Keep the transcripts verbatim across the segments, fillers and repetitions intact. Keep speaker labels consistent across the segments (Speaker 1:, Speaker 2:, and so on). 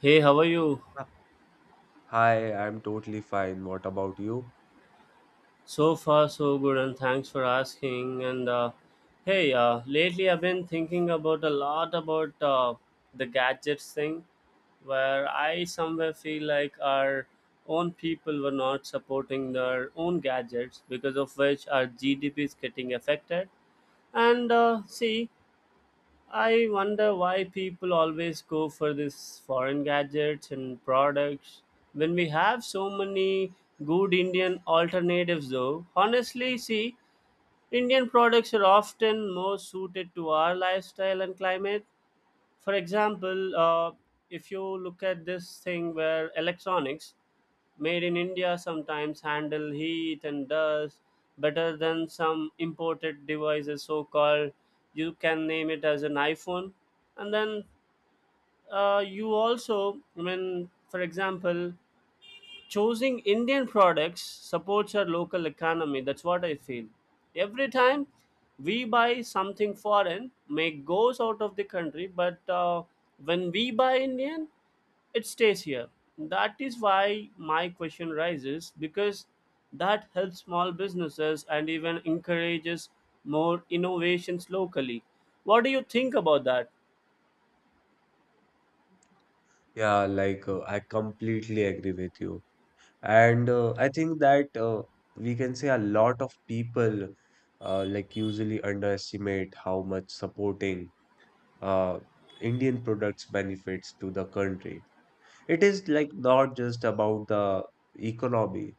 Speaker 1: Hey, how are you?
Speaker 2: Uh, Hi, I'm totally fine. What about you?
Speaker 1: So far, so good, and thanks for asking. And uh, hey, uh, lately I've been thinking about a lot about uh, the gadgets thing, where I somewhere feel like our own people were not supporting their own gadgets, because of which our G D P is getting affected. And uh, See, I wonder why people always go for these foreign gadgets and products when we have so many good Indian alternatives though. Honestly, see, Indian products are often more suited to our lifestyle and climate. For example, uh, if you look at this thing where electronics, Made in India, sometimes handle heat and dust better than some imported devices, so called. You can name it as an iPhone. And then, uh, you also, I mean, for example, choosing Indian products supports our local economy. That's what I feel. Every time we buy something foreign, make goes out of the country, but uh, when we buy Indian, it stays here. That is why my question rises, because that helps small businesses and even encourages more innovations locally. What do you think about that?
Speaker 2: Yeah, like uh, I completely agree with you. And uh, I think that uh, we can say a lot of people uh, like usually underestimate how much supporting uh, Indian products benefits to the country. It is like not just about the economy.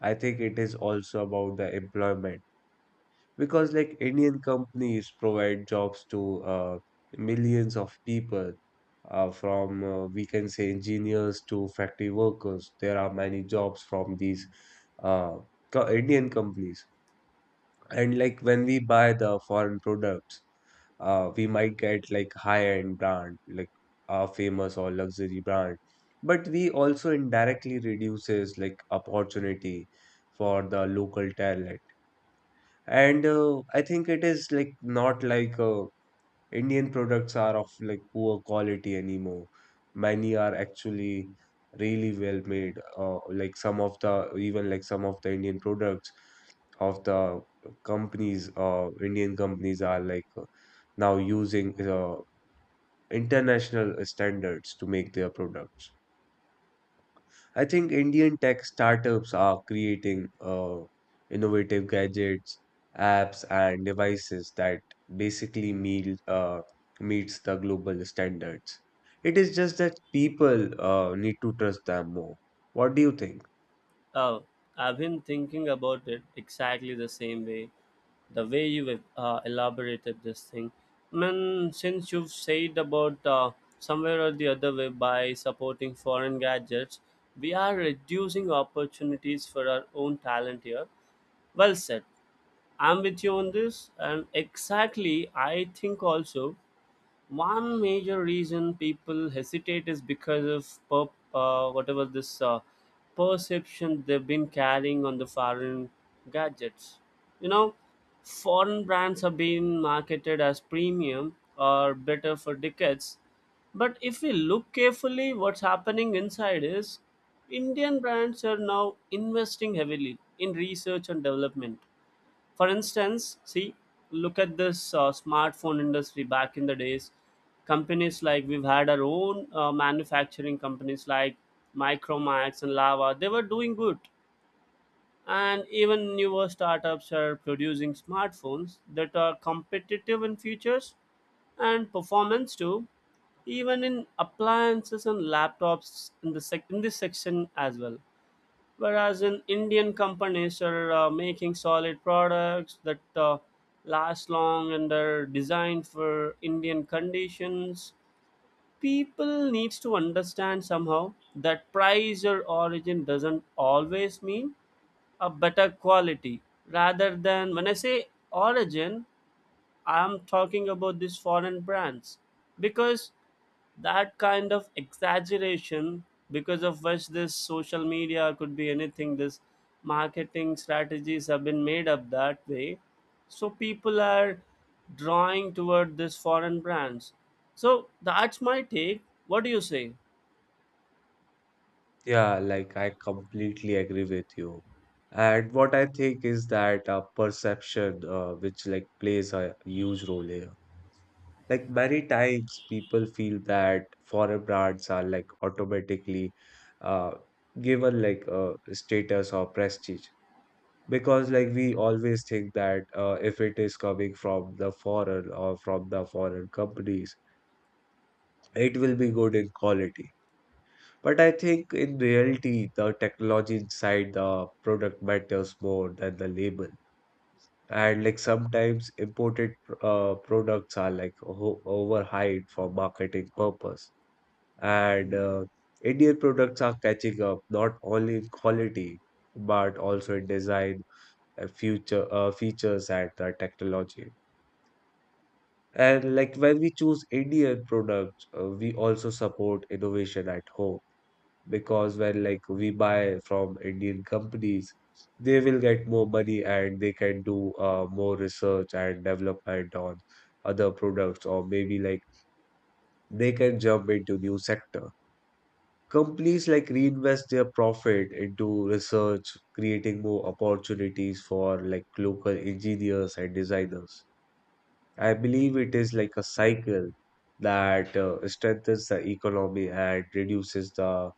Speaker 2: I think it is also about the employment, because like Indian companies provide jobs to uh, millions of people, uh, from, uh, we can say, engineers to factory workers. There are many jobs from these uh, co- Indian companies, and like when we buy the foreign products, uh, we might get like high-end brand, like a famous or luxury brand, but we also indirectly reduces like opportunity for the local talent. And uh, I think it is like not like uh, Indian products are of like poor quality anymore. Many are actually really well made, uh, like some of the, even like some of the Indian products of the companies, uh, Indian companies are like uh, now using uh, international standards to make their products. I think Indian tech startups are creating uh, innovative gadgets, apps, and devices that basically meet, uh, meets the global standards. It is just that people uh, need to trust them more. What do you think?
Speaker 1: Uh, I've been thinking about it exactly the same way, the way you uh, elaborated this thing, man. Since you've said about uh, somewhere or the other way, by supporting foreign gadgets we are reducing opportunities for our own talent here. Well said. I'm with you on this, and exactly, I think also one major reason people hesitate is because of per, uh, whatever this uh, perception they've been carrying on the foreign gadgets, you know. Foreign brands have been marketed as premium or better for decades, but if we look carefully what's happening inside is Indian brands are now investing heavily in research and development. For instance, see, look at this uh, smartphone industry back in the days. Companies like, we've had our own uh, manufacturing companies like Micromax and Lava. They were doing good. And even newer startups are producing smartphones that are competitive in features and performance too, even in appliances and laptops in, the sec- in this section as well. Whereas in Indian companies are uh, making solid products that uh, last long and are designed for Indian conditions. People needs to understand somehow that price or origin doesn't always mean a better quality. Rather than when I say origin, I'm talking about these foreign brands, because that kind of exaggeration, because of which this social media could be anything, this marketing strategies have been made up that way. So people are drawing toward this foreign brands. So that's my take. What do you say?
Speaker 2: Yeah, like I completely agree with you. And what I think is that uh, perception, uh, which like plays a huge role here. Like many times, people feel that foreign brands are like automatically uh, given like a status or prestige, because like we always think that uh, if it is coming from the foreign or from the foreign companies, it will be good in quality. But I think in reality, the technology inside the product matters more than the label. And like sometimes imported uh, products are like o- overhyped for marketing purpose, and uh, Indian products are catching up not only in quality but also in design, uh, future uh, features, and uh, technology. And like when we choose Indian products, uh, we also support innovation at home, because when like we buy from Indian companies, they will get more money and they can do uh, more research and development on other products or maybe like they can jump into new sector. Companies like reinvest their profit into research, creating more opportunities for like local engineers and designers. I believe it is like a cycle that uh, strengthens the economy and reduces the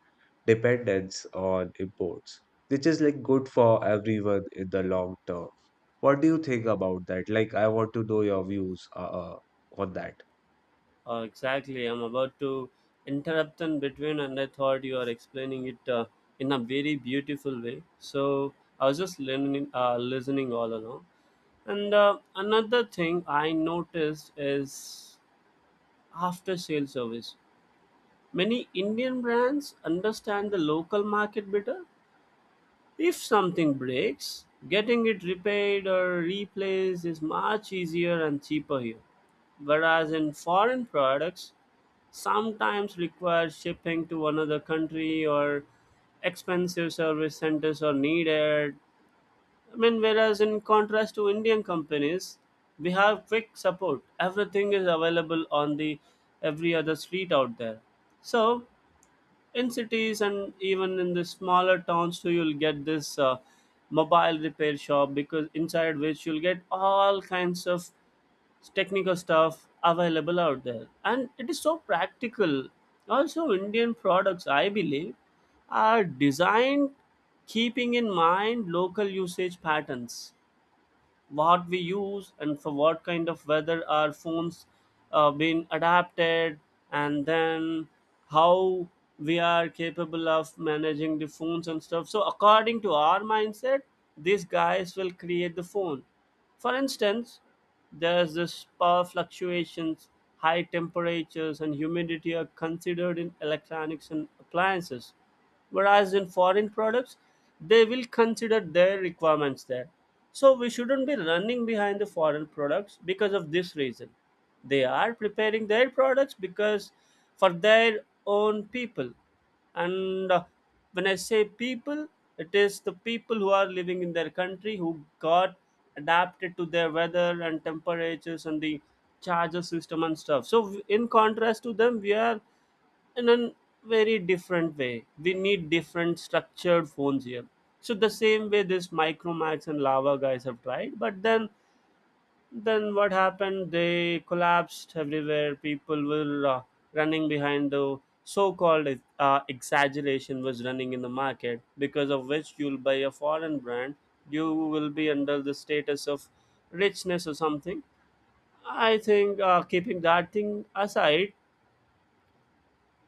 Speaker 2: dependence on imports, which is like good for everyone in the long term. What do you think about that? Like, I want to know your views uh, uh, on that.
Speaker 1: Uh, exactly. I'm about to interrupt in between, and I thought you are explaining it uh, in a very beautiful way. So I was just learning, uh, listening all along. And uh, Another thing I noticed is after sale service. Many Indian brands understand the local market better. If something breaks, getting it repaired or replaced is much easier and cheaper here. Whereas in foreign products, sometimes requires shipping to another country or expensive service centers are needed. I mean, whereas in contrast to Indian companies, we have quick support. Everything is available on the every other street out there. So in cities and even in the smaller towns too, you'll get this uh, mobile repair shop, because inside which you'll get all kinds of technical stuff available out there, and it is so practical. Also, Indian products, I believe, are designed keeping in mind local usage patterns. What we use and for what kind of weather our phones uh, been adapted, and then how we are capable of managing the phones and stuff, so according to our mindset these guys will create the phone. For instance, there's this power fluctuations, high temperatures and humidity are considered in electronics and appliances. Whereas in foreign products, they will consider their requirements there. So we shouldn't be running behind the foreign products, because of this reason, they are preparing their products because for their own people. And uh, When I say people, it is the people who are living in their country who got adapted to their weather and temperatures and the charger system and stuff. So w- in contrast to them, we are in a very different way. We need different structured phones here. So the same way this Micromax and Lava guys have tried, but then then what happened? They collapsed everywhere. People were uh, running behind the so-called uh, exaggeration was running in the market, because of which you'll buy a foreign brand. You will be under the status of richness or something. I think uh, keeping that thing aside,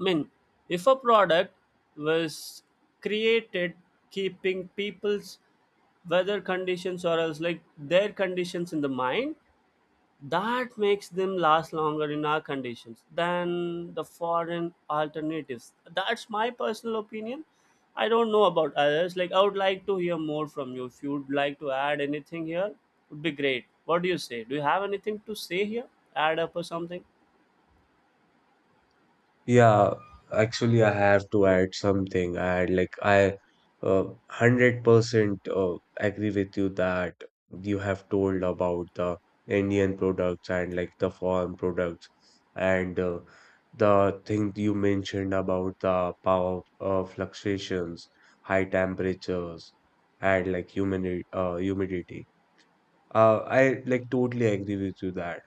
Speaker 1: I mean, if a product was created keeping people's weather conditions or else like their conditions in the mind, that makes them last longer in our conditions than the foreign alternatives. That's my personal opinion. I don't know about others. Like, I would like to hear more from you. If you'd like to add anything here, would be great. What do you say? Do you have anything to say here? Add up or something?
Speaker 2: Yeah, actually, I have to add something. I like I uh, one hundred percent uh, agree with you that you have told about the Indian products and like the foreign products, and uh, the thing you mentioned about the power uh, fluctuations, high temperatures, and like human uh, humidity. Uh, I like totally agree with you that.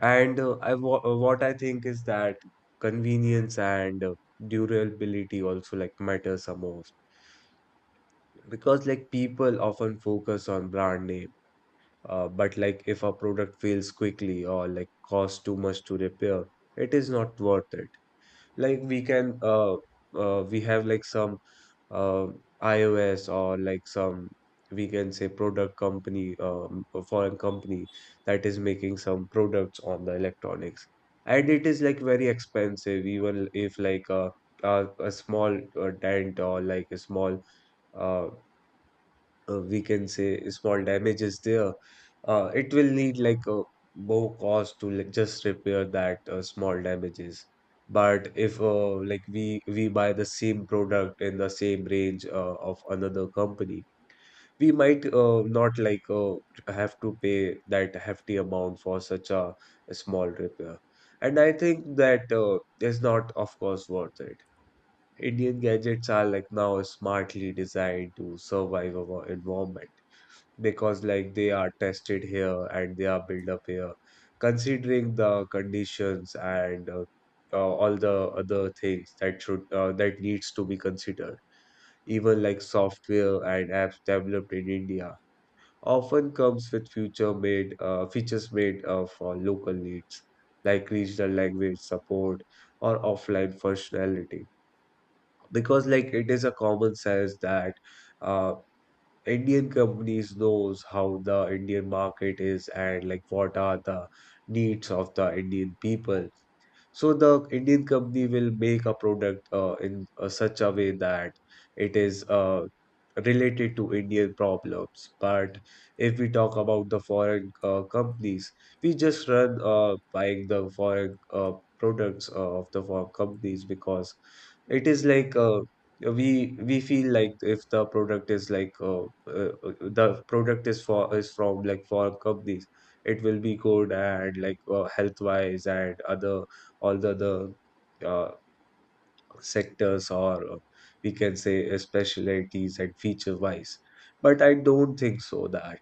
Speaker 2: And uh, I wha- uh, what I think is that convenience and uh, durability also like matters the most, because like people often focus on brand name, uh, but like if a product fails quickly or like costs too much to repair, it is not worth it. Like we can uh, uh we have like some uh, iOS or like some, we can say, product company, um, a foreign company that is making some products on the electronics, and it is like very expensive, even if like a a, a small uh, dent or like a small uh, uh, we can say, small damages there, uh, it will need like a more cost to like just repair that uh, small damages. But if uh, like we we buy the same product in the same range uh, of another company, we might uh, not like uh, have to pay that hefty amount for such a, a small repair. And I think that uh, is not, of course, worth it. Indian gadgets are like now smartly designed to survive our environment, because like they are tested here and they are built up here, considering the conditions and uh, uh, all the other things that should, uh, that needs to be considered. Even like software and apps developed in india often comes with future made uh, features made uh, for local needs, like regional language support or offline functionality, because like it is a common sense that uh, Indian companies knows how the Indian market is and like what are the needs of the Indian people. So the Indian company will make a product uh, in uh, such a way that it is uh, related to Indian problems. But if we talk about the foreign uh, companies, we just run uh, buying the foreign uh, products uh, of the foreign companies, because it is like uh, we we feel like if the product is like uh, uh, uh, the product is for is from like foreign companies, it will be good and like uh, health wise and other, all the other uh, sectors or uh, we can say uh, specialties and feature wise. But I don't think so that.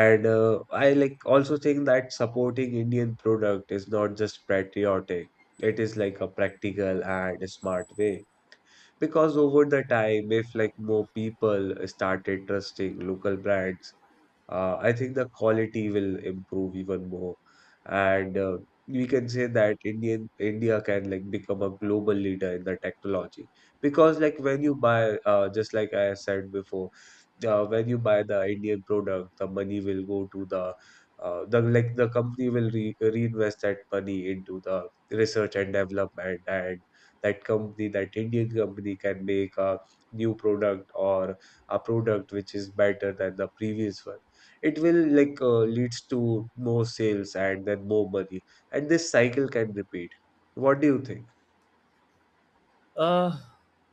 Speaker 2: And uh, I like also think that supporting Indian product is not just patriotic, it is like a practical and a smart way, because over the time, if like more people started trusting local brands, uh, I think the quality will improve even more. And uh, we can say that Indian India can like become a global leader in the technology, because like when you buy, uh, just like I said before, uh, when you buy the Indian product, the money will go to the uh, the like the company will re reinvest that money into the research and development, and that company, that Indian company, can make a new product, or a product which is better than the previous one. It will like uh, leads to more sales and then more money, and this cycle can repeat. What do you think?
Speaker 1: Uh,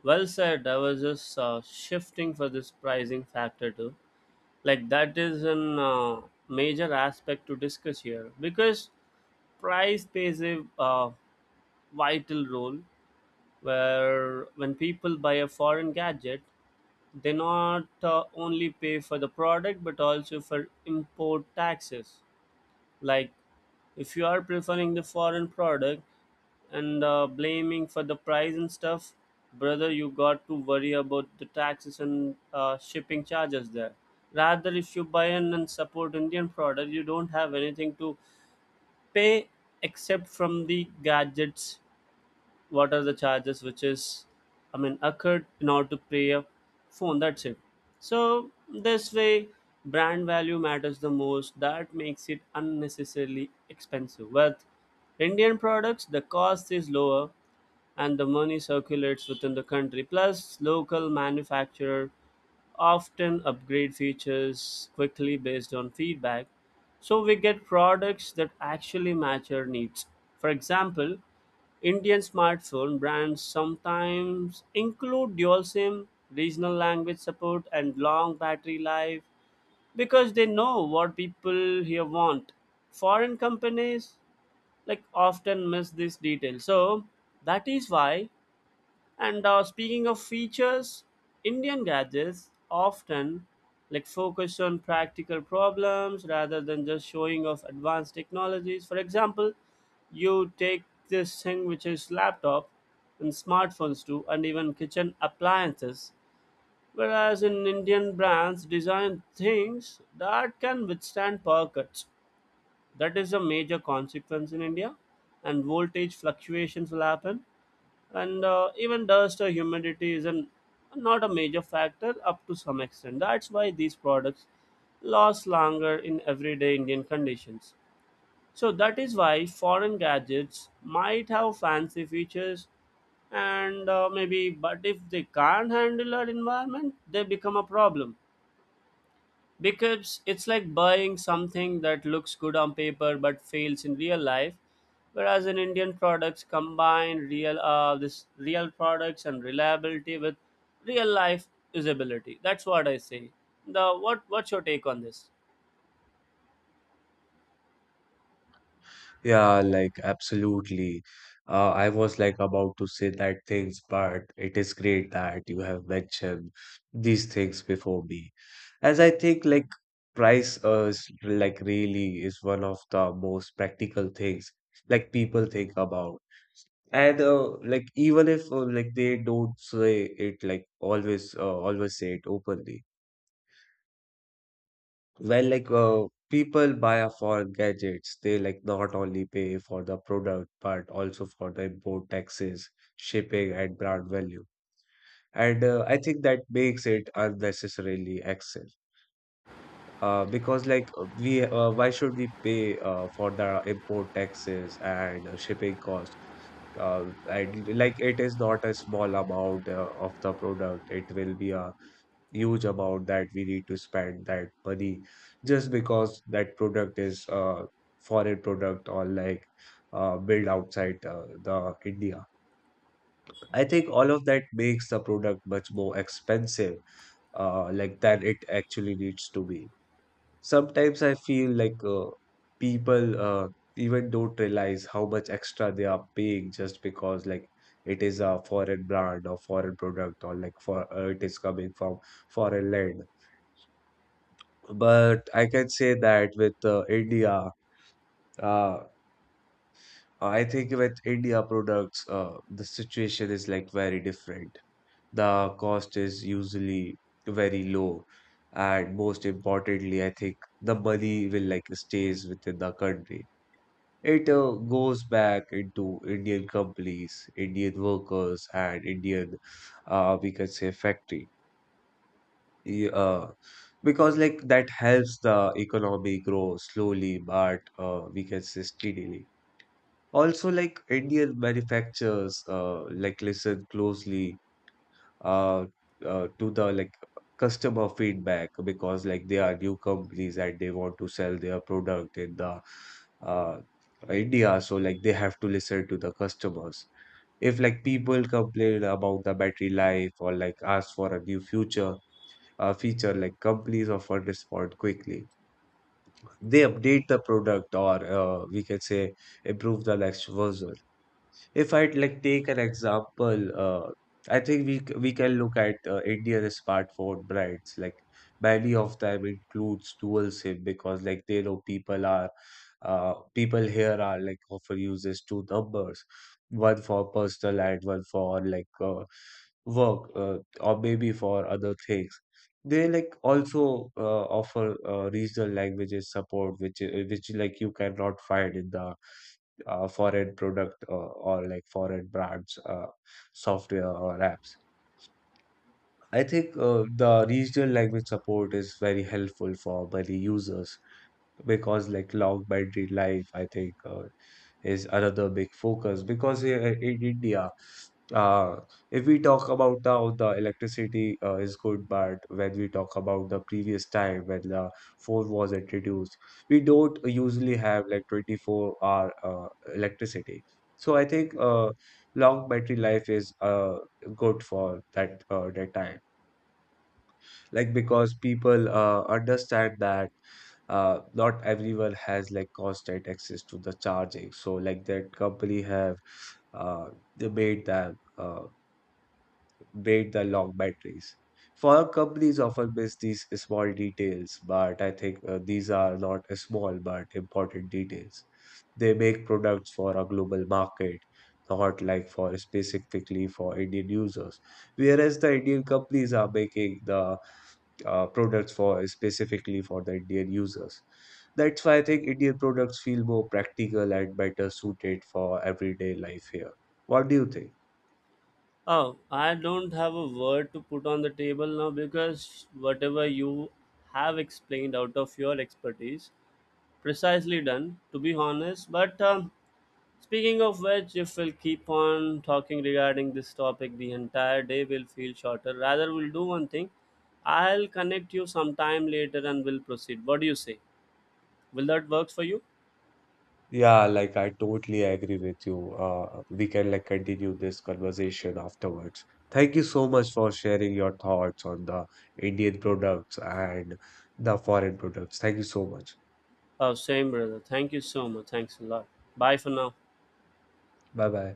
Speaker 1: well said. I was just uh, shifting for this pricing factor too. Like that is an uh, major aspect to discuss here, because price plays a uh, vital role. Where when people buy a foreign gadget, they not uh, only pay for the product but also for import taxes. Like if you are preferring the foreign product and uh, blaming for the price and stuff, brother, you got to worry about the taxes and uh, shipping charges there. Rather if you buy in and support Indian product, you don't have anything to pay except from the gadgets. What are the charges which is, I mean, occurred in order to pay a phone, that's it. So this way brand value matters the most, that makes it unnecessarily expensive. With Indian products the cost is lower, and the money circulates within the country. Plus, local manufacturer often upgrade features quickly based on feedback. So we get products that actually match our needs. For example, Indian smartphone brands sometimes include dual SIM, regional language support, and long battery life because they know what people here want. Foreign companies like often miss these details. So that is why. And uh, Speaking of features, Indian gadgets often like focus on practical problems rather than just showing off advanced technologies. For example, you take this thing which is laptop and smartphones too, and even kitchen appliances. Whereas in Indian brands, design things that can withstand power cuts. That is a major consequence in India, and voltage fluctuations will happen, and uh, even dust or humidity is an, not a major factor up to some extent. That's why these products last longer in everyday Indian conditions. So that is why foreign gadgets might have fancy features and uh, maybe, but if they can't handle our environment they become a problem, because it's like buying something that looks good on paper but fails in real life. Whereas in Indian products combine real uh, this real products and reliability with real life usability. That's what I say. The what What's your take on this?
Speaker 2: Yeah, like absolutely. uh, I was like about to say that things, but it is great that you have mentioned these things before me, as I think, like, price uh, is like really is one of the most practical things like people think about. And uh, like even if uh, like they don't say it like always, uh, always say it openly. Well, like uh, people buy uh, for gadgets, they like not only pay for the product but also for the import taxes, shipping, and brand value. And uh, I think that makes it unnecessarily excessive. Uh, because like uh, we, uh, why should we pay uh, for the import taxes and uh, shipping cost? Uh, and like it is not a small amount uh, of the product. It will be a huge amount that we need to spend that money, just because that product is a foreign product or like uh, built outside uh, the India. I think all of that makes the product much more expensive, uh, like, than it actually needs to be. Sometimes I feel like uh, people uh, even don't realize how much extra they are paying, just because like it is a foreign brand or foreign product, or like for uh, it is coming from foreign land. But I can say that with uh, India, uh, I think with India products, uh, the situation is like very different. The cost is usually very low, and most importantly, I think the money will like stays within the country. It uh, goes back into Indian companies, Indian workers, and Indian, uh, we can say, factories. Yeah, uh, because like that helps the economy grow slowly, but uh, we can say, steadily. Also, like Indian manufacturers, uh, like listen closely uh, uh, to the, like, customer feedback, because like they are new companies and they want to sell their product in the uh, India, so like they have to listen to the customers. If like people complain about the battery life or like ask for a new future uh, feature, like companies offer respond quickly, they update the product, or uh, we can say, improve the next version. If I'd like take an example, uh, I think we c- we can look at uh, India's smartphone brands. Like many of them includes dual SIM, because like they know people are uh, people here are like often uses two numbers, one for personal and one for like uh, work, uh, or maybe for other things. They like also uh, offer uh, regional languages support, which i- which like you cannot find in the, uh, for product, uh, or like foreign brand's uh, software or apps. I think uh, the regional language support is very helpful for many users, because like long battery life, I think, uh, is another big focus, because i- in India, uh, if we talk about now, the electricity uh, is good, but when we talk about the previous time when the phone was introduced, we don't usually have like twenty four hour uh, electricity. So I think uh, long battery life is uh, good for that uh, that time, like, because people uh, understand that uh, not everyone has like constant access to the charging, so like that company have, uh, they made them, uh, made the long batteries, for companies often miss these small details. But I think uh, these are not small but important details, they make products for a global market, not like for specifically for indian users, whereas the Indian companies are making the uh, products for specifically for the Indian users. That's why I think Indian products feel more practical and better suited for everyday life here. What do you think?
Speaker 1: Oh, I don't have a word to put on the table now, because whatever you have explained out of your expertise, precisely done, to be honest, but um, speaking of which, if we'll keep on talking regarding this topic, the entire day will feel shorter. Rather, we'll do one thing. I'll connect you sometime later and we'll proceed. What do you say? Will that work for you?
Speaker 2: Yeah, like I totally agree with you. Uh, we can like continue this conversation afterwards. Thank you so much for sharing your thoughts on the Indian products and the foreign products. Thank you so much.
Speaker 1: Oh, same, brother. Thank you so much. Thanks a lot. Bye for now.
Speaker 2: Bye bye.